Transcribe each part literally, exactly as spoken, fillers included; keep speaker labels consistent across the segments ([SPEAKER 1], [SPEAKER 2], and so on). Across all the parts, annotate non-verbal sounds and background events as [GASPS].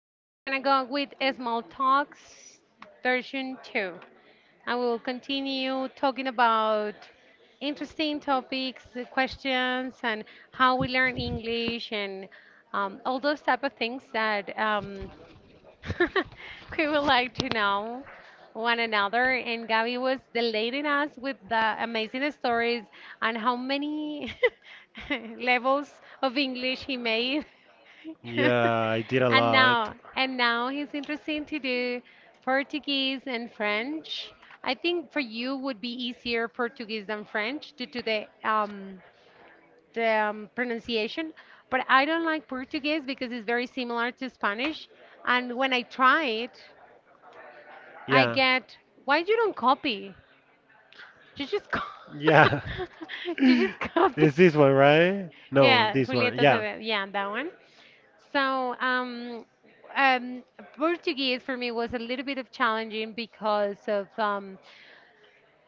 [SPEAKER 1] So we're gonna go with small talks version two. I will continue talking about interesting topics, the questions, and how we learn English and um, all those type of things that um, [LAUGHS] we would like to know one another. And Gabby was delighting us with the amazing stories and how many [LAUGHS] levels of English he made. [LAUGHS]
[SPEAKER 2] Yeah, I did a
[SPEAKER 1] and
[SPEAKER 2] lot.
[SPEAKER 1] now, and now he's interested to do Portuguese and French. I think for you would be easier Portuguese than French due to the um, the um, pronunciation, but I don't like Portuguese because it's very similar to Spanish. And when I try it, I
[SPEAKER 2] Yeah.
[SPEAKER 1] get, why you don't copy? You just, co-
[SPEAKER 2] Yeah.
[SPEAKER 1] [LAUGHS] you just
[SPEAKER 2] [LAUGHS]
[SPEAKER 1] copy.
[SPEAKER 2] Is this one right? No,
[SPEAKER 1] Yeah,
[SPEAKER 2] this one.
[SPEAKER 1] Julieta
[SPEAKER 2] Yeah.
[SPEAKER 1] Acevedo. Yeah, that one. So, um, um, Portuguese for me was a little bit of challenging because of um,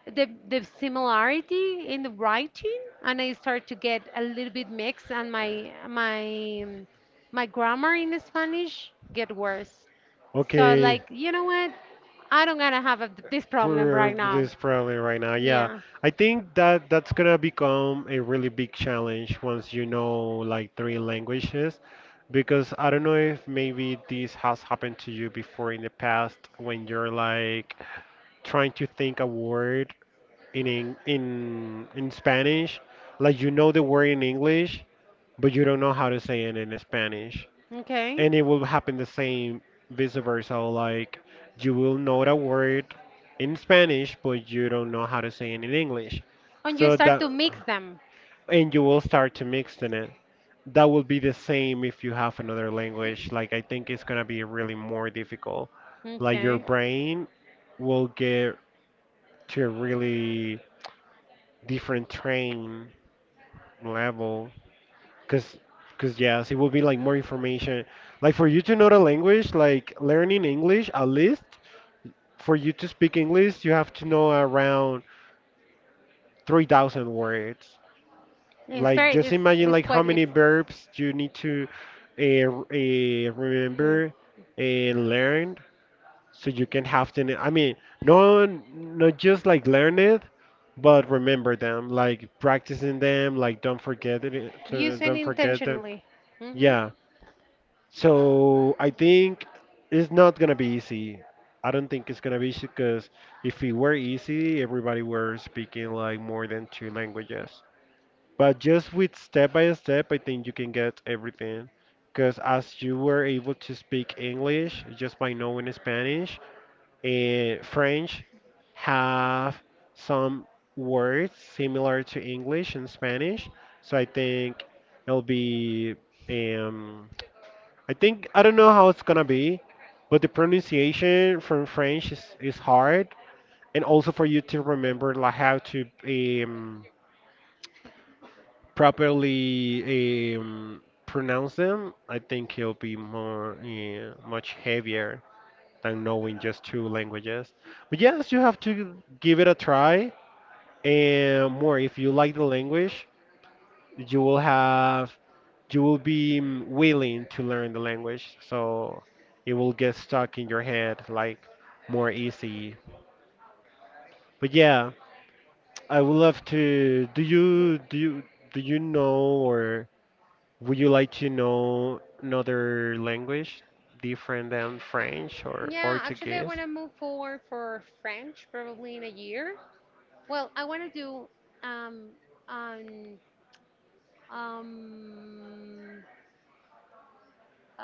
[SPEAKER 1] the the similarity in the writing and I start to get a little bit mixed and my my um, my grammar in Spanish get worse. So
[SPEAKER 2] Okay.
[SPEAKER 1] like, you know what? I don't gonna have a, this problem
[SPEAKER 2] for
[SPEAKER 1] right now.
[SPEAKER 2] this probably right now. Yeah,
[SPEAKER 1] Yeah.
[SPEAKER 2] I think that that's gonna become a really big challenge once you know like three languages, because I don't know if maybe this has happened to you before in the past when you're like trying to think a word in Eng- in in Spanish, like you know the word in English, but you don't know how to say it in Spanish,
[SPEAKER 1] Okay.
[SPEAKER 2] and it will happen the same vice versa, like you will know the word in Spanish but you don't know how to say it in English.
[SPEAKER 1] And you
[SPEAKER 2] So
[SPEAKER 1] start
[SPEAKER 2] that,
[SPEAKER 1] to mix them.
[SPEAKER 2] and you will start to mix in it. That will be the same if you have another language. Like I think it's going to be really more difficult, like your
[SPEAKER 1] Okay.
[SPEAKER 2] brain will get to a really different train level. Cause, cause yes, it will be like more information. Like for you to know the language, like learning English, at least for you to speak English, you have to know around three thousand words.
[SPEAKER 1] It's
[SPEAKER 2] Like
[SPEAKER 1] very
[SPEAKER 2] just
[SPEAKER 1] it's
[SPEAKER 2] imagine
[SPEAKER 1] it's
[SPEAKER 2] like how
[SPEAKER 1] quite
[SPEAKER 2] many
[SPEAKER 1] easy.
[SPEAKER 2] verbs you need to uh, uh,
[SPEAKER 1] Mm.
[SPEAKER 2] remember and learn, so you can have them. I mean, no, not just like learn it, but remember them. Like practicing them. Like don't forget it. So
[SPEAKER 1] Use it
[SPEAKER 2] don't forget them.
[SPEAKER 1] intentionally. hmm
[SPEAKER 2] Yeah. So I think it's not gonna be easy. I don't think it's gonna be easy, because if it were easy, everybody were speaking like more than two languages. But just with step by step, I think you can get everything. Because as you were able to speak English just by knowing Spanish, and French have some words similar to English and Spanish. So I think it'll be um, I think I don't know how it's gonna be, but the pronunciation from French is, is hard, and also for you to remember like how to um, properly um, pronounce them. I think it'll be more uh, much heavier than knowing just two languages. But yes, you have to give it a try, and more if you like the language. You will have, you will be mm, willing to learn the language, so it will get stuck in your head like more easy. But yeah, I would love to. Do you do you do you know, or would you like to know another language different than French or
[SPEAKER 1] Yeah, actually, I
[SPEAKER 2] Portuguese?
[SPEAKER 1] want to move forward for French probably in a year. Well, I want to do um an um uh,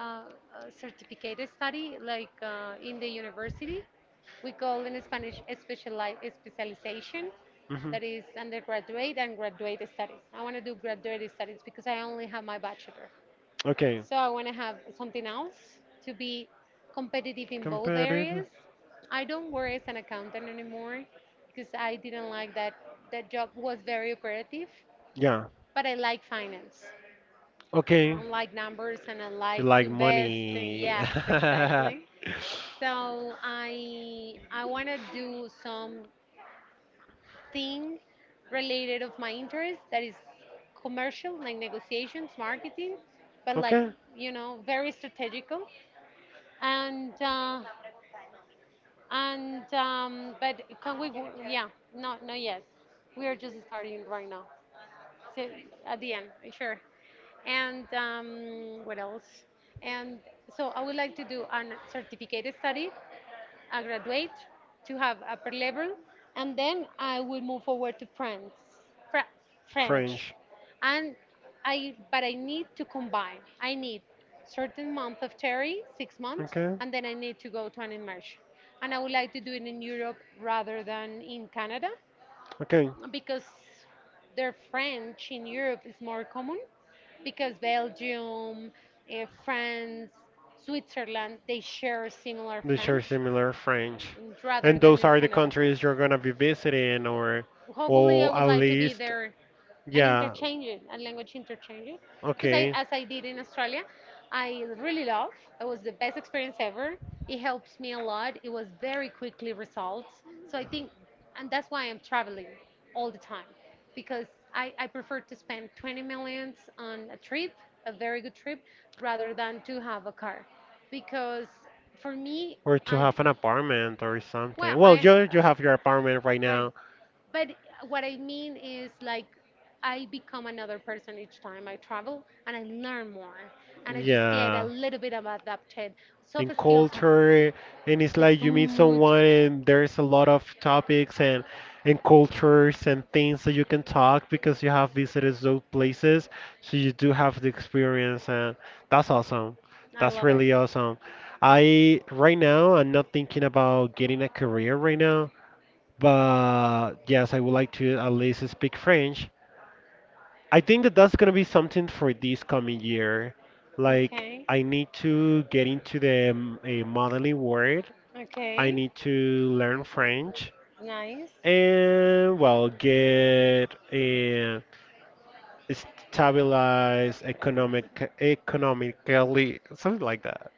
[SPEAKER 1] a certificate study like uh, in the university. We call in Spanish speciali specialization,
[SPEAKER 2] Mhm.
[SPEAKER 1] that is undergraduate and graduate studies. I want to do graduate studies because I only have my bachelor.
[SPEAKER 2] Okay.
[SPEAKER 1] So I want to have something else to be competitive in both
[SPEAKER 2] Competitive.
[SPEAKER 1] areas. I don't work as an accountant anymore because I didn't like that. That job was very operative,
[SPEAKER 2] Yeah.
[SPEAKER 1] but I like finance.
[SPEAKER 2] Okay.
[SPEAKER 1] I like numbers and I
[SPEAKER 2] You
[SPEAKER 1] like to
[SPEAKER 2] like
[SPEAKER 1] invest.
[SPEAKER 2] money.
[SPEAKER 1] Yes,
[SPEAKER 2] [LAUGHS]
[SPEAKER 1] exactly. So I I want to do something related of my interest that is commercial, like negotiations, marketing, but like
[SPEAKER 2] Okay.
[SPEAKER 1] you know very strategical. And uh, and um, But can we? Yeah, no, no, yes, we are just starting right now. So at the end, sure. And um, What else? And so I would like to do an certificate study I graduate to have upper level, and then I will move forward to France, Fra- French,
[SPEAKER 2] French.
[SPEAKER 1] and I. But I need to combine. I need certain month of theory, six months,
[SPEAKER 2] Okay.
[SPEAKER 1] and then I need to go to an immersion. And I would like to do it in Europe rather than in Canada,
[SPEAKER 2] Okay.
[SPEAKER 1] because their French in Europe is more common because Belgium, eh, France, Switzerland, they share similar
[SPEAKER 2] They share
[SPEAKER 1] French
[SPEAKER 2] similar French.
[SPEAKER 1] rather
[SPEAKER 2] And
[SPEAKER 1] than
[SPEAKER 2] those
[SPEAKER 1] in
[SPEAKER 2] are the
[SPEAKER 1] Canada.
[SPEAKER 2] countries you're gonna be visiting, or
[SPEAKER 1] Hopefully, I
[SPEAKER 2] or
[SPEAKER 1] would
[SPEAKER 2] at
[SPEAKER 1] like to be
[SPEAKER 2] least,
[SPEAKER 1] there and
[SPEAKER 2] yeah.
[SPEAKER 1] interchange it and language interchange it because I,
[SPEAKER 2] Okay.
[SPEAKER 1] as I did in Australia, I really love. It was the best experience ever. It helps me a lot. It was very quickly resolved. So I think, and that's why I'm traveling all the time because I, I prefer to spend twenty millions on a trip, a very good trip, rather than to have a car because for me,
[SPEAKER 2] Or to
[SPEAKER 1] I
[SPEAKER 2] have an apartment or something.
[SPEAKER 1] well, Well,
[SPEAKER 2] Well,
[SPEAKER 1] I, uh,
[SPEAKER 2] you you have your apartment right
[SPEAKER 1] right but,
[SPEAKER 2] now.
[SPEAKER 1] but what I mean is like I become another person each time I travel, and I learn more, and I just get a
[SPEAKER 2] Yeah.
[SPEAKER 1] little bit of adapted. Soft
[SPEAKER 2] And
[SPEAKER 1] skills are
[SPEAKER 2] culture, and it's
[SPEAKER 1] the
[SPEAKER 2] like you meet
[SPEAKER 1] food.
[SPEAKER 2] someone and there's a lot of topics, and and cultures and things that you can talk, because you have visited those places, so you do have the experience. And that's awesome,
[SPEAKER 1] I
[SPEAKER 2] that's
[SPEAKER 1] love it.
[SPEAKER 2] really awesome. I right now, I'm not thinking about getting a career right now, but yes, I would like to at least speak French. I think that that's gonna be something for this coming year. Like
[SPEAKER 1] Okay.
[SPEAKER 2] I need to get into the um, eh, modeling world. I
[SPEAKER 1] Okay.
[SPEAKER 2] need to learn French,
[SPEAKER 1] Nice.
[SPEAKER 2] and well, get a stabilized economic, economically something like that.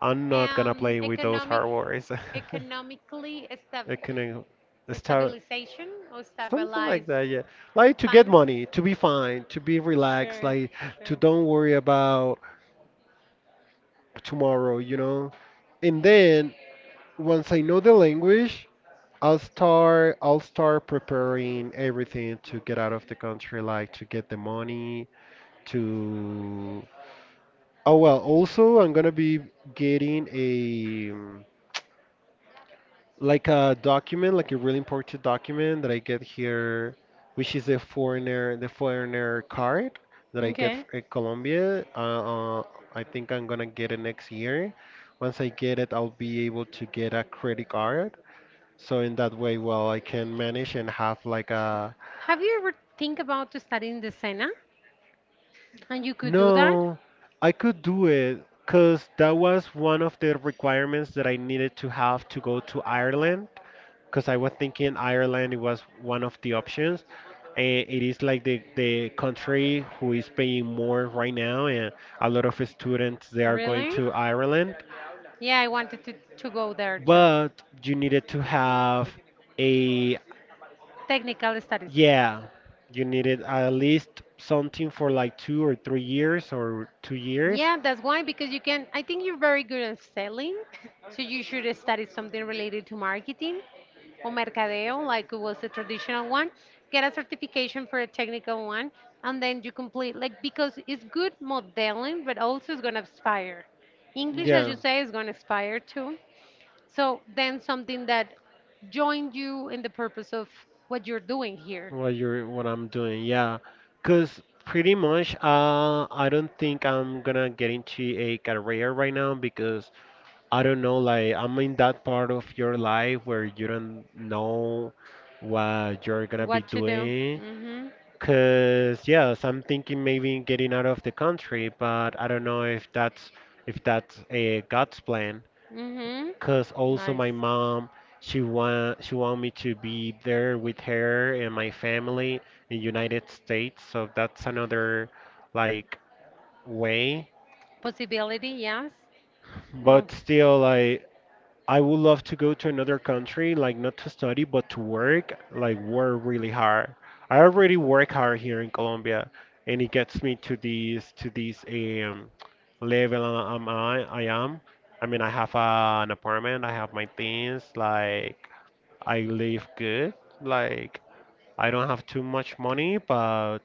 [SPEAKER 2] I'm not gonna
[SPEAKER 1] Um,
[SPEAKER 2] play with those
[SPEAKER 1] economic,
[SPEAKER 2] hard words. [LAUGHS]
[SPEAKER 1] economically sta-
[SPEAKER 2] Economic, sta.
[SPEAKER 1] stabilization or
[SPEAKER 2] Something
[SPEAKER 1] stabilize
[SPEAKER 2] like that, yeah. Like to get
[SPEAKER 1] finance.
[SPEAKER 2] money, to be fine, to be relaxed,
[SPEAKER 1] Sure,
[SPEAKER 2] like to
[SPEAKER 1] sure.
[SPEAKER 2] don't worry about tomorrow, you know? And then once I know the language, I'll start I'll start preparing everything to get out of the country, like to get the money, to. Oh well, also I'm gonna be getting a um, like a document, like a really important document that I get here, which is a foreigner, the foreigner card that I get f-
[SPEAKER 1] Okay.
[SPEAKER 2] in Colombia. Uh, uh, I think I'm gonna get it next year. Once I get it, I'll be able to get a credit card. So in that way, well, I can manage and have like a.
[SPEAKER 1] Have you ever think about to studying the Sena? And you could do that?
[SPEAKER 2] No, I could do it because that was one of the requirements that I needed to have to go to Ireland, because I was thinking Ireland was one of the options. And it is like the, the country who is paying more right now, and a lot of students they are going
[SPEAKER 1] Really?
[SPEAKER 2] to Ireland.
[SPEAKER 1] Yeah, I wanted to, to go there too.
[SPEAKER 2] But you needed to have a.
[SPEAKER 1] Technical studies.
[SPEAKER 2] Yeah, you needed at least something for like two or three years or two years.
[SPEAKER 1] Yeah, that's why, because you can, I think you're very good at selling, so you should study something related to marketing or mercadeo, like it was the traditional one. Get a certification for a technical one, and then you complete, like, because it's good modeling, but also it's going to expire. English, as
[SPEAKER 2] Yeah.
[SPEAKER 1] you say, is going to expire too. So then something that joined you in the purpose of what you're doing here,
[SPEAKER 2] what you're. What I'm doing, yeah, cause pretty much, uh, I don't think I'm gonna get into a career right now, because I don't know, like I'm in that part of your life where you don't know what you're gonna be
[SPEAKER 1] what to do.
[SPEAKER 2] doing.
[SPEAKER 1] Mm-hmm.
[SPEAKER 2] Cause yes, I'm thinking maybe getting out of the country, but I don't know if that's, if that's a God's plan.
[SPEAKER 1] Mm-hmm.
[SPEAKER 2] Cause also
[SPEAKER 1] Nice.
[SPEAKER 2] my mom, she want she want me to be there with her and my family in United States, so that's another like way.
[SPEAKER 1] Possibility, yes. Well,
[SPEAKER 2] But still, I. I would love to go to another country, like not to study, but to work, like work really hard. I already work hard here in Colombia, and it gets me to this to this um, level I, am- I, I am. I mean, I have uh, an apartment, I have my things, like I live good, like I don't have too much money, but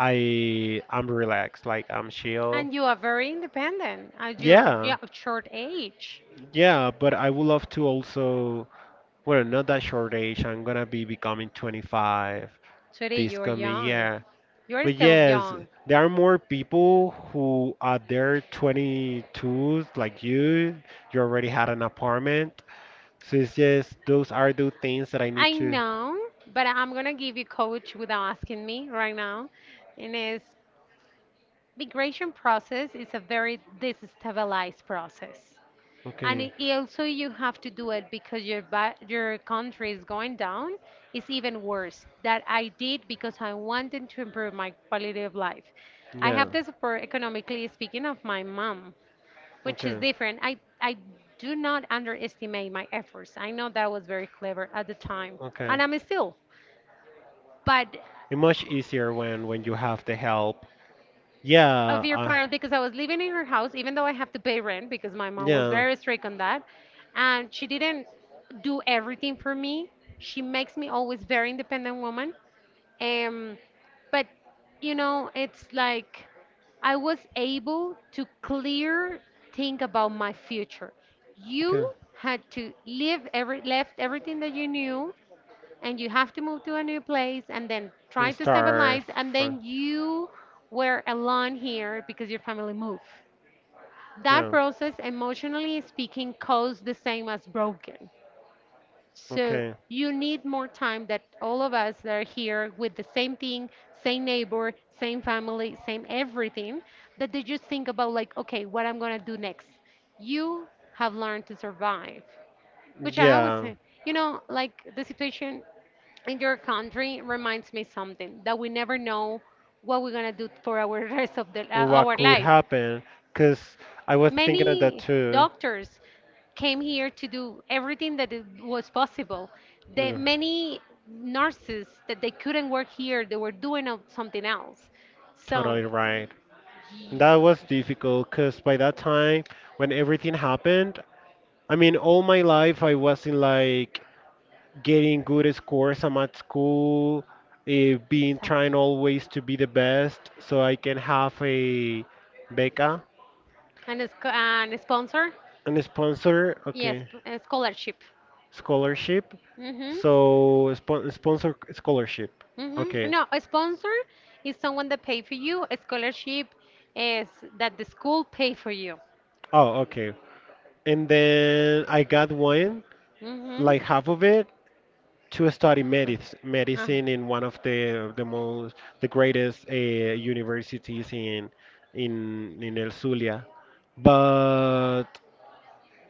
[SPEAKER 2] I I'm relaxed, like I'm chill.
[SPEAKER 1] and you are very independent at your
[SPEAKER 2] Yeah,
[SPEAKER 1] yeah, yo- short age.
[SPEAKER 2] yeah, but I would love to also. Well, not that short age. I'm gonna be becoming twenty-five
[SPEAKER 1] Today
[SPEAKER 2] this
[SPEAKER 1] you are
[SPEAKER 2] coming
[SPEAKER 1] young.
[SPEAKER 2] year.
[SPEAKER 1] You are
[SPEAKER 2] But
[SPEAKER 1] still yes,
[SPEAKER 2] yes,
[SPEAKER 1] young.
[SPEAKER 2] there are more people who are their twenty-twos, like you. You already had an apartment. So it's just those are the things that I need
[SPEAKER 1] I
[SPEAKER 2] to.
[SPEAKER 1] know, but I'm gonna give you coach without asking me right now. And it's migration process is a very destabilized process. And
[SPEAKER 2] Okay.
[SPEAKER 1] it, it also you have to do it because your ba- your country is going down. It's even worse that I did because I wanted to improve my quality of life. I
[SPEAKER 2] Yeah.
[SPEAKER 1] have the support economically speaking of my mom, which is
[SPEAKER 2] Okay.
[SPEAKER 1] different. I I do not underestimate my efforts. I know that was very clever at the time,
[SPEAKER 2] Okay.
[SPEAKER 1] and I'm still. But
[SPEAKER 2] It's much easier when when you have the help.
[SPEAKER 1] of
[SPEAKER 2] Yeah.
[SPEAKER 1] your
[SPEAKER 2] Uh,
[SPEAKER 1] parents because I was living in her house, even though I have to pay rent because my mom was
[SPEAKER 2] yeah.
[SPEAKER 1] very strict on that. And she didn't do everything for me. She makes me always very independent woman. Um, but you know, it's like I was able to clear think about my future.
[SPEAKER 2] Okay.
[SPEAKER 1] You had to leave every left everything that you knew and you have to move to a new place and then try
[SPEAKER 2] And
[SPEAKER 1] to
[SPEAKER 2] start
[SPEAKER 1] stabilize and
[SPEAKER 2] from.
[SPEAKER 1] then you were alone here because your family moved that
[SPEAKER 2] Yeah.
[SPEAKER 1] process emotionally speaking costs the same as broken, so
[SPEAKER 2] Okay.
[SPEAKER 1] you need more time that all of us that are here with the same thing, same neighbor, same family, same everything, that they just think about like okay, what I'm gonna do next. You have learned to survive, which I always
[SPEAKER 2] Yeah.
[SPEAKER 1] say, you know, like the situation in your country reminds me something that we never know what we're gonna do for our [LAUGHS] rest of the, uh,
[SPEAKER 2] What
[SPEAKER 1] our
[SPEAKER 2] could
[SPEAKER 1] life.
[SPEAKER 2] happen? Because I was thinking of that
[SPEAKER 1] Many
[SPEAKER 2] too.
[SPEAKER 1] doctors came here to do everything that it was possible. The
[SPEAKER 2] Yeah.
[SPEAKER 1] many nurses that they couldn't work here, they were doing out something else. So,
[SPEAKER 2] Totally right.
[SPEAKER 1] ye-
[SPEAKER 2] That was difficult because by that time, when everything happened, I mean, all my life I was in like getting good scores. I'm at school, uh, being trying
[SPEAKER 1] exact-
[SPEAKER 2] always to be the best so I can have a beca
[SPEAKER 1] and a, sc- uh, and a sponsor,
[SPEAKER 2] and a sponsor.
[SPEAKER 1] yes,
[SPEAKER 2] Okay,
[SPEAKER 1] a scholarship.
[SPEAKER 2] scholarship.
[SPEAKER 1] Mm-hmm.
[SPEAKER 2] So spon sponsor scholarship.
[SPEAKER 1] Mm-hmm.
[SPEAKER 2] Okay.
[SPEAKER 1] No, a sponsor is someone that pay for you. A scholarship is that the school pay for you.
[SPEAKER 2] Oh, okay. And then I got one,
[SPEAKER 1] Mm-hmm.
[SPEAKER 2] like half of it, to study
[SPEAKER 1] So,
[SPEAKER 2] medic-
[SPEAKER 1] uh,
[SPEAKER 2] medicine in one of the the most the greatest uh, universities in in in El Zulia. But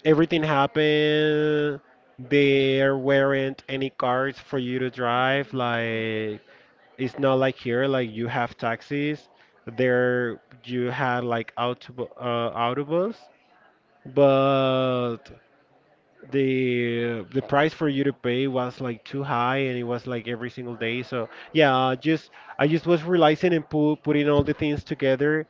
[SPEAKER 2] everything happened. There weren't any cars for you to drive. Like it's not like here. Like you have taxis. There you had like autobu- uh, autobus, but the the price for you to pay was like too high and it was like every single day. So yeah, I just I just was realizing and pu putting all the things together,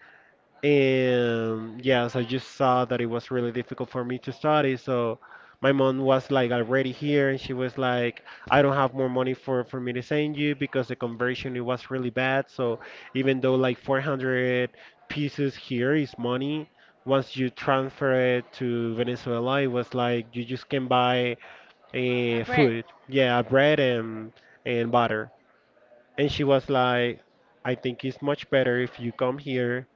[SPEAKER 2] and yes, I just saw that it was really difficult for me to study. So my mom was like already here, and she was like, I don't have more money for, for me to send you, because the conversion it was really bad. So even though like four hundred pieces here is money, once you transfer it to Venezuela, it was like you just can buy
[SPEAKER 1] a
[SPEAKER 2] a
[SPEAKER 1] bread.
[SPEAKER 2] food. Yeah, bread and and butter. And she was like, I think it's much better if you come here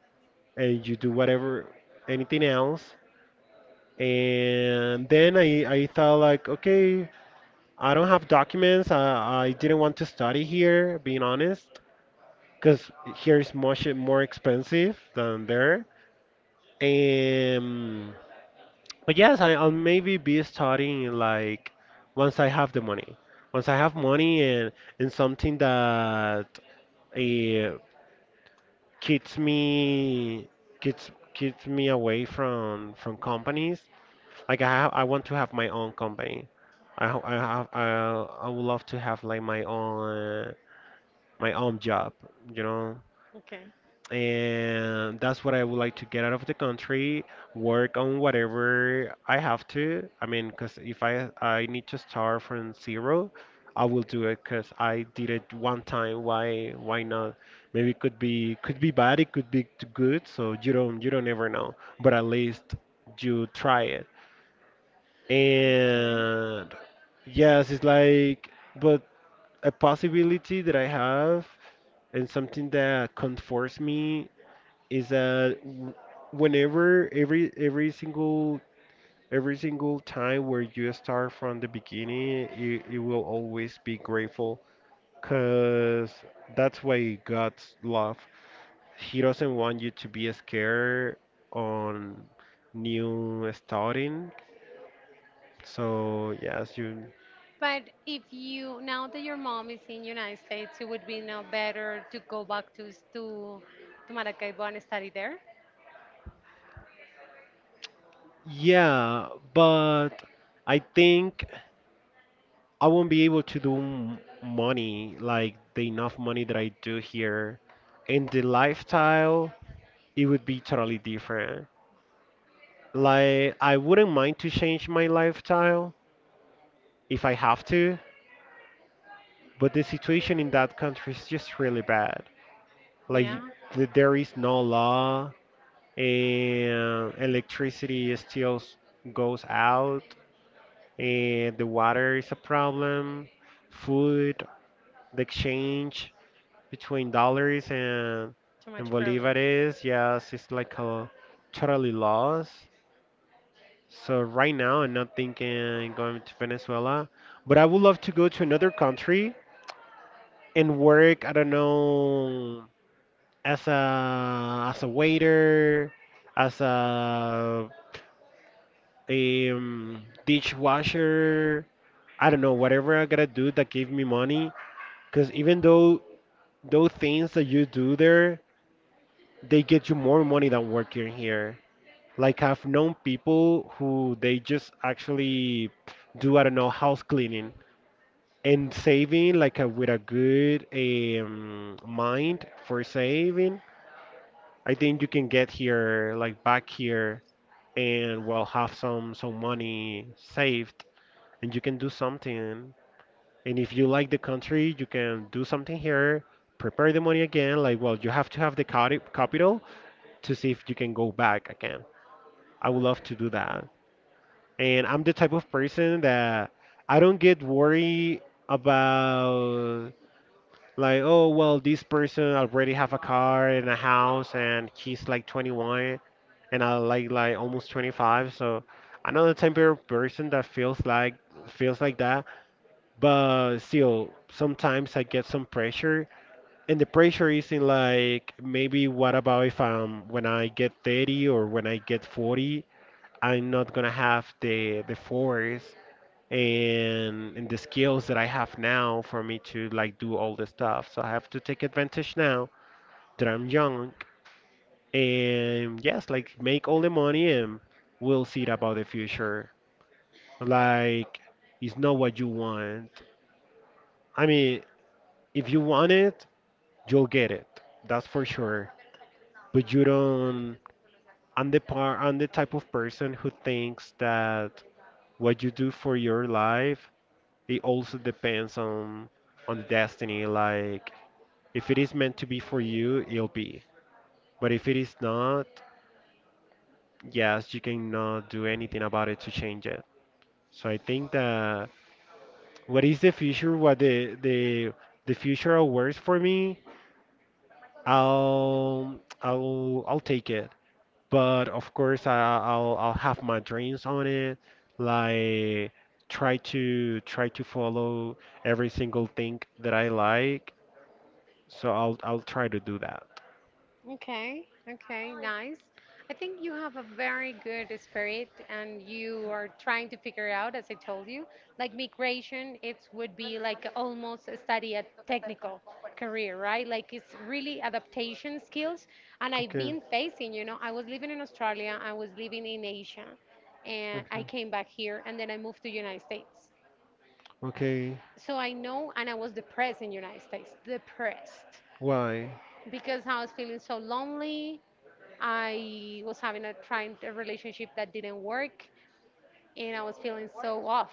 [SPEAKER 2] and you do whatever, anything else. And then i i thought like, okay, I don't have documents. i, I didn't want to study here, being honest, because here is much more expensive than there. And but yes, I, I'll maybe be studying like once I have the money, once I have money and and something that uh, keeps me, keeps keeps me away from from companies. Like I have, I want to have my own company. I ho- I have I I would love to have like my own, my own job, you know.
[SPEAKER 1] Okay. Okay.
[SPEAKER 2] And that's what I would like to get out of the country, work on whatever I have to. I mean, because if I I need to start from zero, I will do it because I did it one time. Why why not? Maybe it could be, could be bad, it could be t- good, so you don't you don't ever know. But at least you try.
[SPEAKER 1] Okay.
[SPEAKER 2] And yes, it's like, but a possibility that I have, and something that comforts me is that w- whenever, every every single every single time where you start from the beginning, you, you will always be grateful because that's why God's love. He doesn't want you to be scared on new starting. So yes, you.
[SPEAKER 1] But if you now that your mom is in United States, it would be now better to go back to s- to to Maracaibo and study there.
[SPEAKER 2] Yeah, but I think I won't be able to do m- money like the enough money that I do here. And the lifestyle, it would be totally different. Like, I wouldn't mind to change my lifestyle if I have to, but the situation in that country is just really bad. Like,
[SPEAKER 1] Yeah,
[SPEAKER 2] y- th- there is no law, and electricity still s- goes out. And the water is a problem, food, the exchange between dollars and
[SPEAKER 1] too
[SPEAKER 2] and
[SPEAKER 1] much problems.
[SPEAKER 2] bolivares, yes, it's like a totally loss. So right now I'm not thinking going to Venezuela, but I would love to go to another country and work, I don't know, as a as a waiter, as a um, dishwasher, I don't know, whatever I gotta do that give me money. Because even though those things that you do there, they get you more money than working here. Like I've known people who they just actually do, I don't know, house cleaning and saving like a, with a good um, mind for saving. I think you can get here, like back here, and well have some some money saved, and you can do something. And if you like the country, you can do something here, prepare the money again. Like, well, you have to have the cati- capital to see if you can go back again. I would love to do that. And I'm the type of person that I don't get worried about like, oh, well, this person already have a car and a house and he's like twenty-one and I like like almost twenty-five. So I'm not the type of person that feels like feels like that. But still, sometimes I get some pressure. And the pressure is in like maybe what about if um when I get thirty or when I get forty, I'm not gonna have the the force and and the skills that I have now for me to like do all this stuff. So I have to take advantage now that I'm young and yes, like make all the money and we'll see it about the future. Like it's not what you want. I mean, if you want it, you'll get it. That's for sure. But you don't. I'm the par I'm the type of person who thinks that what you do for your life, it also depends on on the destiny. Like if it is meant to be for you, it'll be. But if it is not, yes, you cannot do anything about it to change it. So I think that what is the future, what the the the future awards for me, I'll I'll I'll take it. But of course I, I'll I'll have my dreams on it. Like try to try to follow every single thing that I like. So I'll I'll try to do that.
[SPEAKER 1] Okay, okay, nice. I think you have a very good spirit and you are trying to figure out, as I told you, like migration, it would be like almost a study a technical career, right? Like it's really adaptation skills. And I've
[SPEAKER 2] Okay.
[SPEAKER 1] been facing, you know, I was living in Australia, I was living in Asia, and
[SPEAKER 2] Okay.
[SPEAKER 1] I came back here and then I moved to United States.
[SPEAKER 2] Okay.
[SPEAKER 1] So I know, and I was depressed in United States, depressed
[SPEAKER 2] Why?
[SPEAKER 1] because I was feeling so lonely. I was having a trying a relationship that didn't work and I was feeling so off.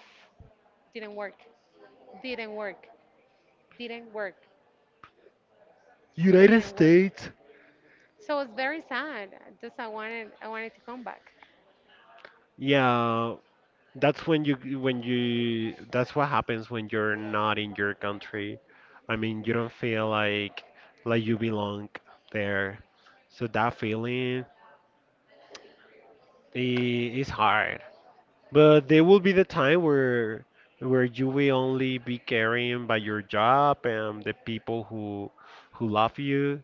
[SPEAKER 1] Didn't work. Didn't work. Didn't work. It
[SPEAKER 2] United
[SPEAKER 1] didn't work.
[SPEAKER 2] States.
[SPEAKER 1] So it was very sad. Just I wanted I wanted to come back.
[SPEAKER 2] Yeah, that's when you when you that's what happens when you're not in your country. I mean, you don't feel like like you belong there. So that feeling i- is hard. But there will be the time where where you will only be carrying by your job and the people who who love you.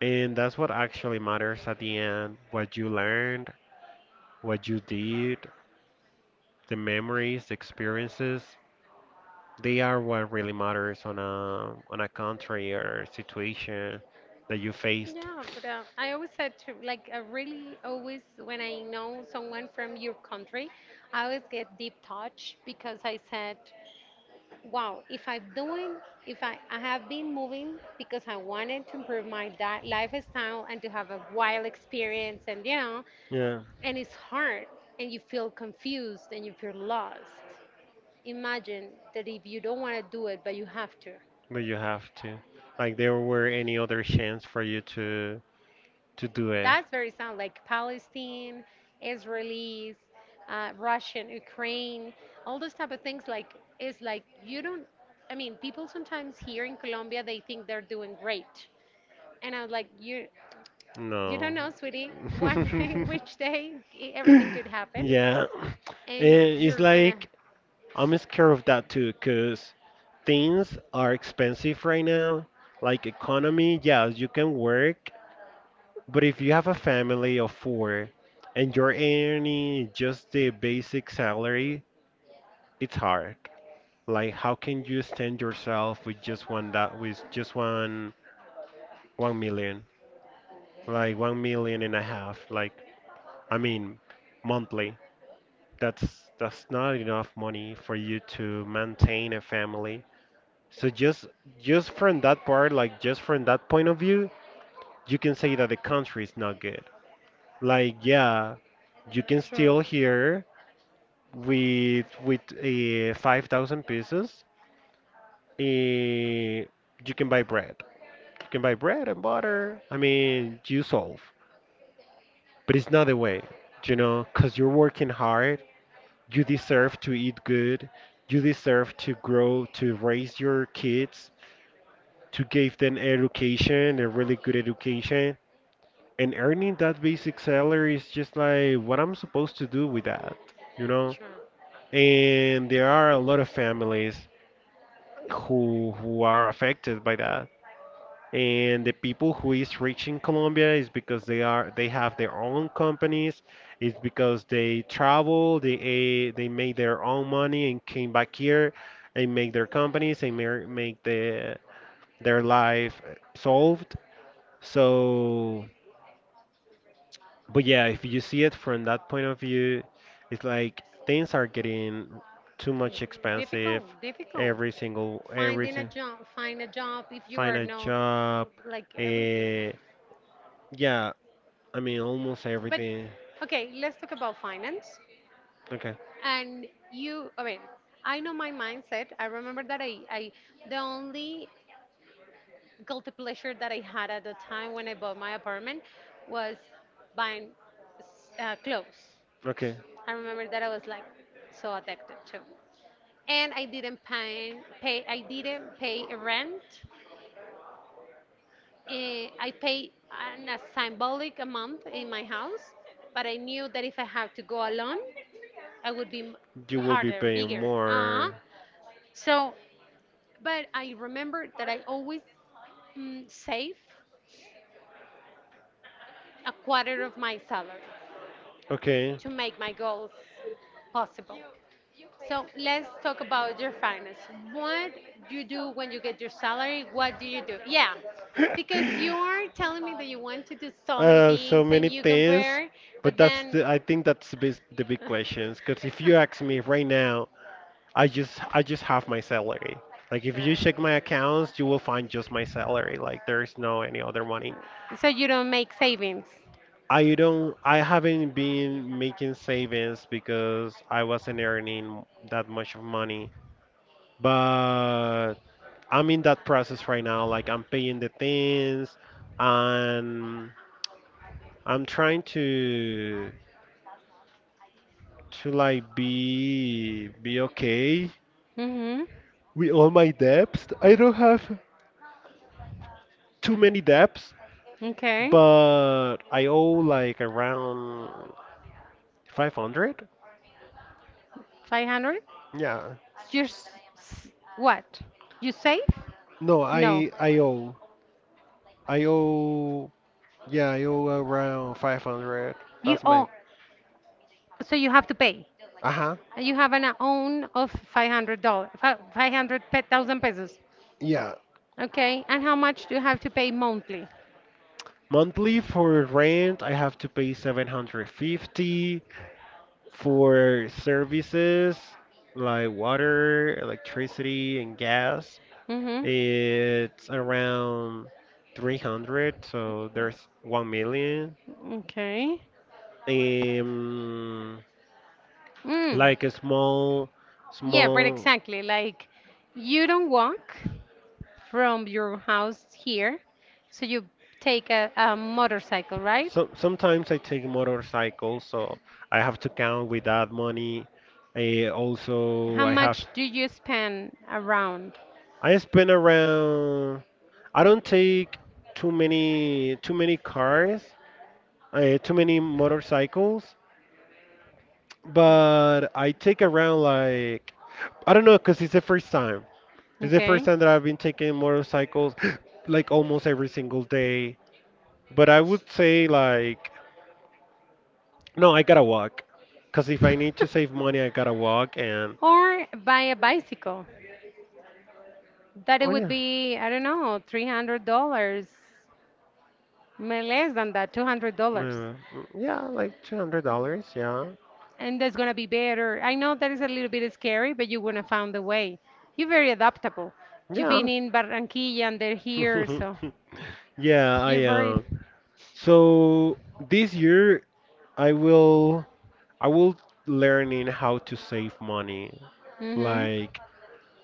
[SPEAKER 2] And that's what actually matters at the end, what you learned, what you did, the memories, the experiences. They are what really matters on a on a country or situation that you faced.
[SPEAKER 1] Yeah, but uh, I always said to like I really always when I know someone from your country, I always get deep touch because I said, wow, if I'm doing, if I, I have been moving because I wanted to improve my di- lifestyle and to have a wild experience, and you know,
[SPEAKER 2] Yeah,
[SPEAKER 1] and it's hard, and you feel confused and you feel lost. Imagine that if you don't want to do it, but you have to.
[SPEAKER 2] but you have to. Like there were any other chance for you to to do it.
[SPEAKER 1] That's very sound like Palestine, Israelis, uh, Russian, Ukraine, all those type of things. Like it's like you don't. I mean, people sometimes here in Colombia they think they're doing great and I was like, you you
[SPEAKER 2] No.
[SPEAKER 1] don't know, sweetie, one day,
[SPEAKER 2] [LAUGHS]
[SPEAKER 1] [LAUGHS] which day e- everything could happen,
[SPEAKER 2] Yeah.
[SPEAKER 1] and
[SPEAKER 2] And it's
[SPEAKER 1] you're gonna.
[SPEAKER 2] like I'm scared of that too, cause things are expensive right now. Like economy, yeah, you can work, but if you have a family of four and you're earning just the basic salary, it's hard. Like how can you stand yourself with just one that with just one one million? Like one million and a half. Like I mean, monthly. That's that's not enough money for you to maintain a family. So just just from that part, like just from that point of view, you can say that the country is not good. Like yeah, you can
[SPEAKER 1] True,
[SPEAKER 2] still here with with uh, five thousand pesos. Uh, you can buy bread. You can buy bread and butter. I mean, you solve. But it's not the way, you know, because you're working hard. You deserve to eat good. You deserve to grow, to raise your kids, to give them education, a really good education. And earning that basic salary is just like what I'm supposed to do with that, you know?
[SPEAKER 1] true.
[SPEAKER 2] And there are a lot of families who who are affected by that. And the people who is reaching Colombia is because they are they have their own companies. It's because they travel, they eh, they made their own money and came back here and make their companies and mer- make the their life solved. So, but yeah, if you see it from that point of view, it's like things are getting too much expensive.
[SPEAKER 1] Difficult, difficult.
[SPEAKER 2] Every single every
[SPEAKER 1] Finding a
[SPEAKER 2] sin-
[SPEAKER 1] job, find a job if you
[SPEAKER 2] Find
[SPEAKER 1] are
[SPEAKER 2] a
[SPEAKER 1] no,
[SPEAKER 2] job.
[SPEAKER 1] like everything.
[SPEAKER 2] Uh, yeah, I mean, almost
[SPEAKER 1] But
[SPEAKER 2] everything.
[SPEAKER 1] okay, let's talk about finance.
[SPEAKER 2] Okay,
[SPEAKER 1] And you, I mean, I know my mindset. I remember that I, I the only guilty pleasure that I had at the time when I bought my apartment was buying uh, clothes.
[SPEAKER 2] okay.
[SPEAKER 1] I remember that I was like so addicted to. And I didn't pay, pay I didn't pay a rent. Eh, I pay an, a symbolic amount in my house, but I knew that if I had to go alone, I would be m-
[SPEAKER 2] You will be
[SPEAKER 1] harder,
[SPEAKER 2] paying
[SPEAKER 1] bigger. Uh-huh.
[SPEAKER 2] more.
[SPEAKER 1] So, but I remember that I always mm, save a quarter of my salary
[SPEAKER 2] Okay.
[SPEAKER 1] to make my goals possible. So let's talk about your finance. What you do when you get your salary? What do you do? Yeah, because you are
[SPEAKER 2] [LAUGHS]
[SPEAKER 1] telling me that you want to do so many
[SPEAKER 2] Uh, so
[SPEAKER 1] things and
[SPEAKER 2] many
[SPEAKER 1] you
[SPEAKER 2] things,
[SPEAKER 1] compare,
[SPEAKER 2] but
[SPEAKER 1] but
[SPEAKER 2] that's
[SPEAKER 1] then.
[SPEAKER 2] the, I think that's the big, the big questions. Because if you ask me
[SPEAKER 1] [LAUGHS]
[SPEAKER 2] right now, I just I just have my salary. Like if you check my
[SPEAKER 1] Sure.
[SPEAKER 2] accounts, you will find just my salary. Like there's no any other money.
[SPEAKER 1] So you don't make savings.
[SPEAKER 2] I don't I haven't been making savings because I wasn't earning that much of money. But I'm in that process right now. Like I'm paying the things and I'm trying to to like be be okay
[SPEAKER 1] Mm-hmm.
[SPEAKER 2] with all my debts. I don't have too many debts,
[SPEAKER 1] Okay.
[SPEAKER 2] but I owe like around five hundred.
[SPEAKER 1] Five hundred.
[SPEAKER 2] Yeah.
[SPEAKER 1] You're s- s- what? You save?
[SPEAKER 2] No,
[SPEAKER 1] No.
[SPEAKER 2] I I owe. I owe yeah, I owe around five hundred.
[SPEAKER 1] You
[SPEAKER 2] That's my.
[SPEAKER 1] own. So you have to pay.
[SPEAKER 2] Uh-huh.
[SPEAKER 1] You have an own of five hundred dollars, five hundred thousand pesos.
[SPEAKER 2] Yeah.
[SPEAKER 1] Okay, and how much do you have to pay monthly?
[SPEAKER 2] Monthly for rent, I have to pay seven hundred fifty for services like water, electricity, and gas.
[SPEAKER 1] Mm-hmm.
[SPEAKER 2] It's around three hundred, so there's one million.
[SPEAKER 1] Okay.
[SPEAKER 2] Um,
[SPEAKER 1] Mm.
[SPEAKER 2] like a small
[SPEAKER 1] Yeah, but
[SPEAKER 2] small.
[SPEAKER 1] exactly, like you don't walk from your house here, so you take a, a motorcycle, right?
[SPEAKER 2] So sometimes I take motorcycles, so I have to count with that money. I also
[SPEAKER 1] How
[SPEAKER 2] I have.
[SPEAKER 1] much do you spend around?
[SPEAKER 2] I spend around. I don't take too many too many cars, uh, too many motorcycles, but I take around like I don't know because it's the first time. It's the first
[SPEAKER 1] Okay.
[SPEAKER 2] time that I've been taking motorcycles [GASPS] like almost every single day. But I would say like, no, I gotta walk. Cause if I need to save
[SPEAKER 1] [LAUGHS]
[SPEAKER 2] money, I gotta walk. And
[SPEAKER 1] Or buy a bicycle that it
[SPEAKER 2] oh
[SPEAKER 1] would
[SPEAKER 2] yeah,
[SPEAKER 1] be I don't know three hundred dollars. Ma- less than that, two hundred dollars.
[SPEAKER 2] mm, yeah, like two hundred dollars. Yeah,
[SPEAKER 1] And that's going to be better. I know that is a little bit scary, but you're going to find a way. You're very adaptable. You've
[SPEAKER 2] yeah,
[SPEAKER 1] been in Barranquilla and they're here, so
[SPEAKER 2] [LAUGHS] yeah. I
[SPEAKER 1] you're very.
[SPEAKER 2] am. So this year, I will, I will learning how to save money.
[SPEAKER 1] Hmm.
[SPEAKER 2] Like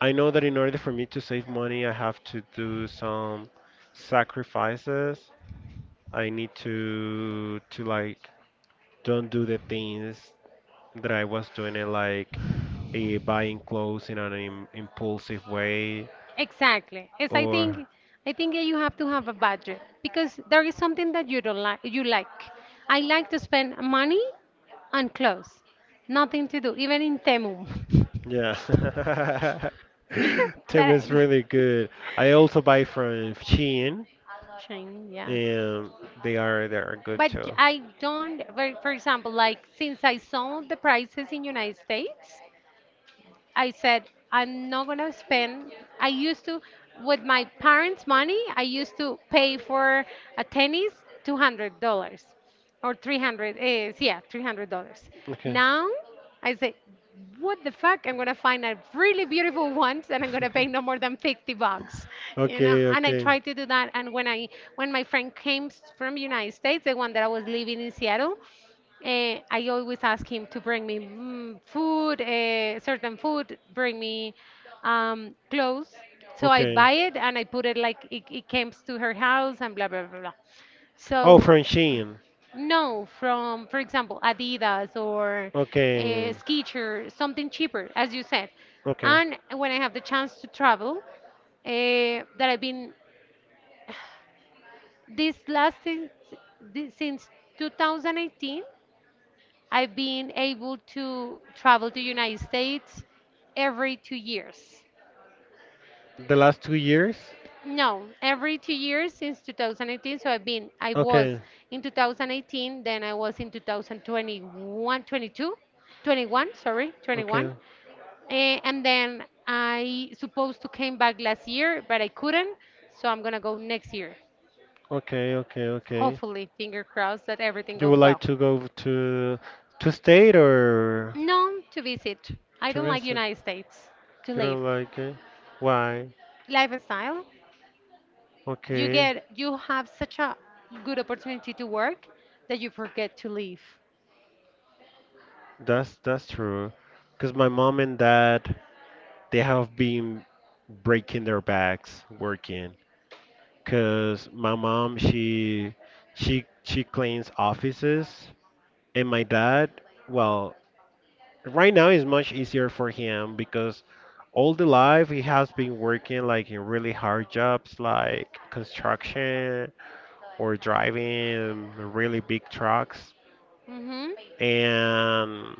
[SPEAKER 2] I know that in order for me to save money, I have to do some sacrifices. I need to to like don't do the things that I was doing it like eh, buying clothes in an im impulsive way,
[SPEAKER 1] Exactly. Yes, I
[SPEAKER 2] or.
[SPEAKER 1] think I think that you have to have a budget because there is something that you don't like. You like. I like to spend money on clothes. Nothing to do, even in Temu.
[SPEAKER 2] Yeah. [LAUGHS]
[SPEAKER 1] [LAUGHS]
[SPEAKER 2] Tim
[SPEAKER 1] That
[SPEAKER 2] is
[SPEAKER 1] is.
[SPEAKER 2] really good. I also buy from Shein,
[SPEAKER 1] Change, yes.
[SPEAKER 2] and they are they are good
[SPEAKER 1] But
[SPEAKER 2] too.
[SPEAKER 1] I don't, for for example, like since I saw the prices in United States, I said, I'm not gonna spend. I used to, with my parents' money, I used to pay for a tennis two hundred dollars or three hundred is yeah three hundred dollars.
[SPEAKER 2] Okay.
[SPEAKER 1] Now I say, what the fuck, I'm gonna find a really beautiful one and I'm gonna pay no
[SPEAKER 2] [LAUGHS]
[SPEAKER 1] more than fifty bucks, you know.
[SPEAKER 2] Okay,
[SPEAKER 1] And I
[SPEAKER 2] okay.
[SPEAKER 1] tried to do that, and when I, when my friend came s- from United States, the one that I was living in Seattle, uh, I always ask him to bring me mm, food, uh, certain food, bring me um, clothes. So I
[SPEAKER 2] Okay.
[SPEAKER 1] buy it and I put it like it, it came to her house and blah, blah, blah, blah.
[SPEAKER 2] Oh,
[SPEAKER 1] So,
[SPEAKER 2] from Shein.
[SPEAKER 1] no, from, for example, Adidas or uh,
[SPEAKER 2] Okay,
[SPEAKER 1] Skechers, something cheaper, as you said.
[SPEAKER 2] okay.
[SPEAKER 1] And when I have the chance to travel, uh, that I've been this last since, this, since twenty eighteen, I've been able to travel to United States every two years.
[SPEAKER 2] The last two years?
[SPEAKER 1] No, every two years since twenty eighteen. So I've been, I
[SPEAKER 2] Okay,
[SPEAKER 1] was in two thousand eighteen, then I was in two thousand twenty-one, twenty-two, twenty-one, sorry, twenty-one.
[SPEAKER 2] okay,
[SPEAKER 1] Eh, and then I supposed to came back last year, but I couldn't. So I'm gonna go next year.
[SPEAKER 2] okay, okay, okay.
[SPEAKER 1] Hopefully, finger crossed that everything
[SPEAKER 2] You would
[SPEAKER 1] goes
[SPEAKER 2] like
[SPEAKER 1] well.
[SPEAKER 2] to go to to state or
[SPEAKER 1] No, to visit. I
[SPEAKER 2] to
[SPEAKER 1] don't like
[SPEAKER 2] visit?
[SPEAKER 1] United States to
[SPEAKER 2] You
[SPEAKER 1] live.
[SPEAKER 2] don't like it? Why?
[SPEAKER 1] Lifestyle? You
[SPEAKER 2] Okay,
[SPEAKER 1] get you have such a good opportunity to work that you forget to leave.
[SPEAKER 2] that's that's true. Because my mom and dad, they have been breaking their backs working. Because my mom, she she she cleans offices, and my dad, well, right now is much easier for him because all the life he has been working like in really hard jobs like construction or driving really big trucks.
[SPEAKER 1] Hmm.
[SPEAKER 2] And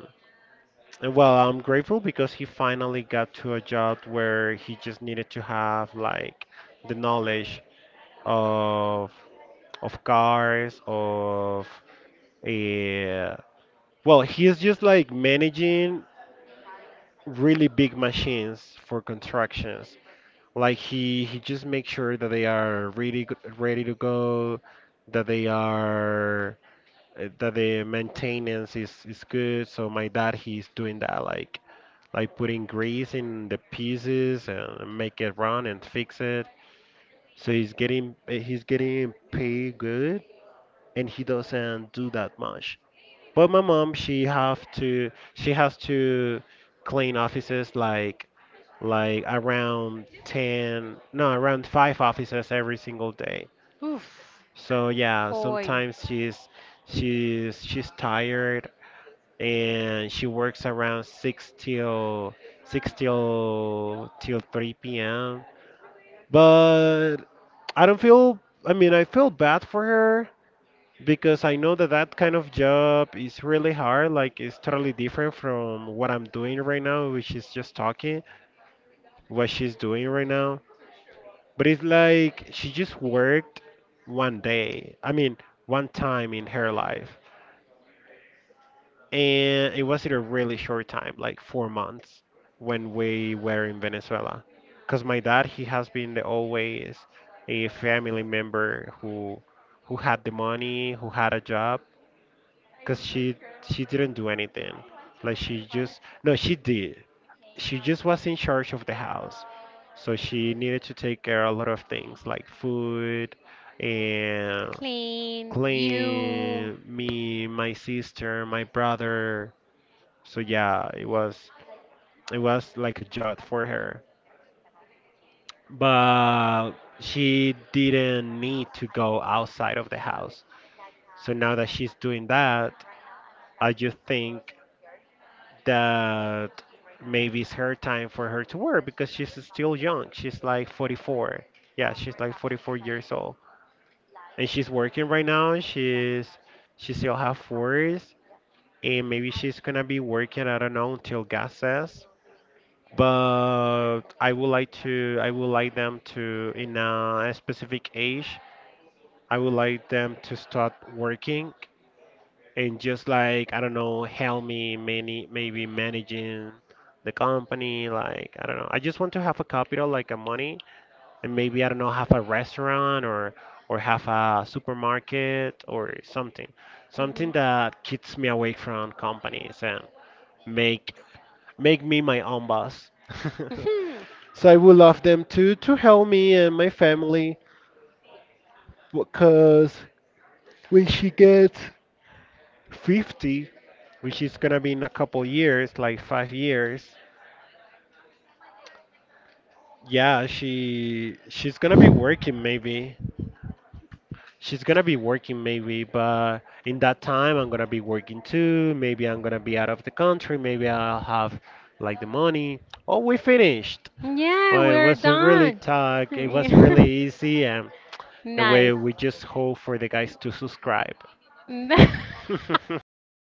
[SPEAKER 2] Uh, well, I'm grateful because he finally got to a job where he just needed to have like the knowledge of of cars, of uh, well, he's just like managing really big machines for constructions. Like he he just makes sure that they are really g- ready to go, that they are uh, that the maintenance is is good. So my dad, he's doing that like like putting grease in the pieces and make it run and fix it. So he's getting eh, he's getting paid good and he doesn't do that much. But my mom, she have to she has to clean offices like like around ten, no around five offices every single day.
[SPEAKER 1] Oof,
[SPEAKER 2] So yeah,
[SPEAKER 1] boy,
[SPEAKER 2] sometimes she's she's she's tired and she works around six till six till till three p m. But I don't feel, I mean, I feel bad for her, because I know that that kind of job is really hard. Like it's totally different from what I'm doing right now, which is just talking, what she's doing right now. But it's like she just worked one day, I mean, one time in her life, and it was in a really short time, like four months, when we were in Venezuela. Because my dad, he has been the always a family member who who had the money, who had a job. Because she she didn't do anything, like she just no, she did. She just was in charge of the house, so she needed to take care of a lot of things like food and
[SPEAKER 1] clean you.
[SPEAKER 2] clean me, my sister, my brother. So yeah, it was it was like a job for her. But she didn't need to go outside of the house. So now that she's doing that, I just think that maybe it's her time for her to work because she's still young. She's like forty-four. Yeah, she's like forty-four years old. And she's working right now. She's she still have force and maybe she's gonna be working, I don't know, until God says. But I would like to I would like them to, in a specific age, I would like them to start working and just like I don't know help me many maybe managing the company. Like I don't know, I just want to have a capital, like a money, and maybe I don't know have a restaurant or or have a supermarket or something,
[SPEAKER 1] Hmm.
[SPEAKER 2] something that keeps me away from companies and make make me my own boss. [LAUGHS] So I would love them to to help me and my family because when she gets fifty, which is gonna be in a couple years, like five years, yeah, she she's gonna be working maybe. She's gonna be working maybe, but in that time I'm gonna be working too. Maybe I'm gonna be out of the country. Maybe I'll have like the money. Oh, we finished.
[SPEAKER 1] [LAUGHS] Yeah,
[SPEAKER 2] Well, it
[SPEAKER 1] we're
[SPEAKER 2] was a really
[SPEAKER 1] done.
[SPEAKER 2] tough. It was really
[SPEAKER 1] [LAUGHS]
[SPEAKER 2] easy, and and we
[SPEAKER 1] Nice.
[SPEAKER 2] we just hope for the guys to subscribe. [LAUGHS]
[SPEAKER 1] [LAUGHS]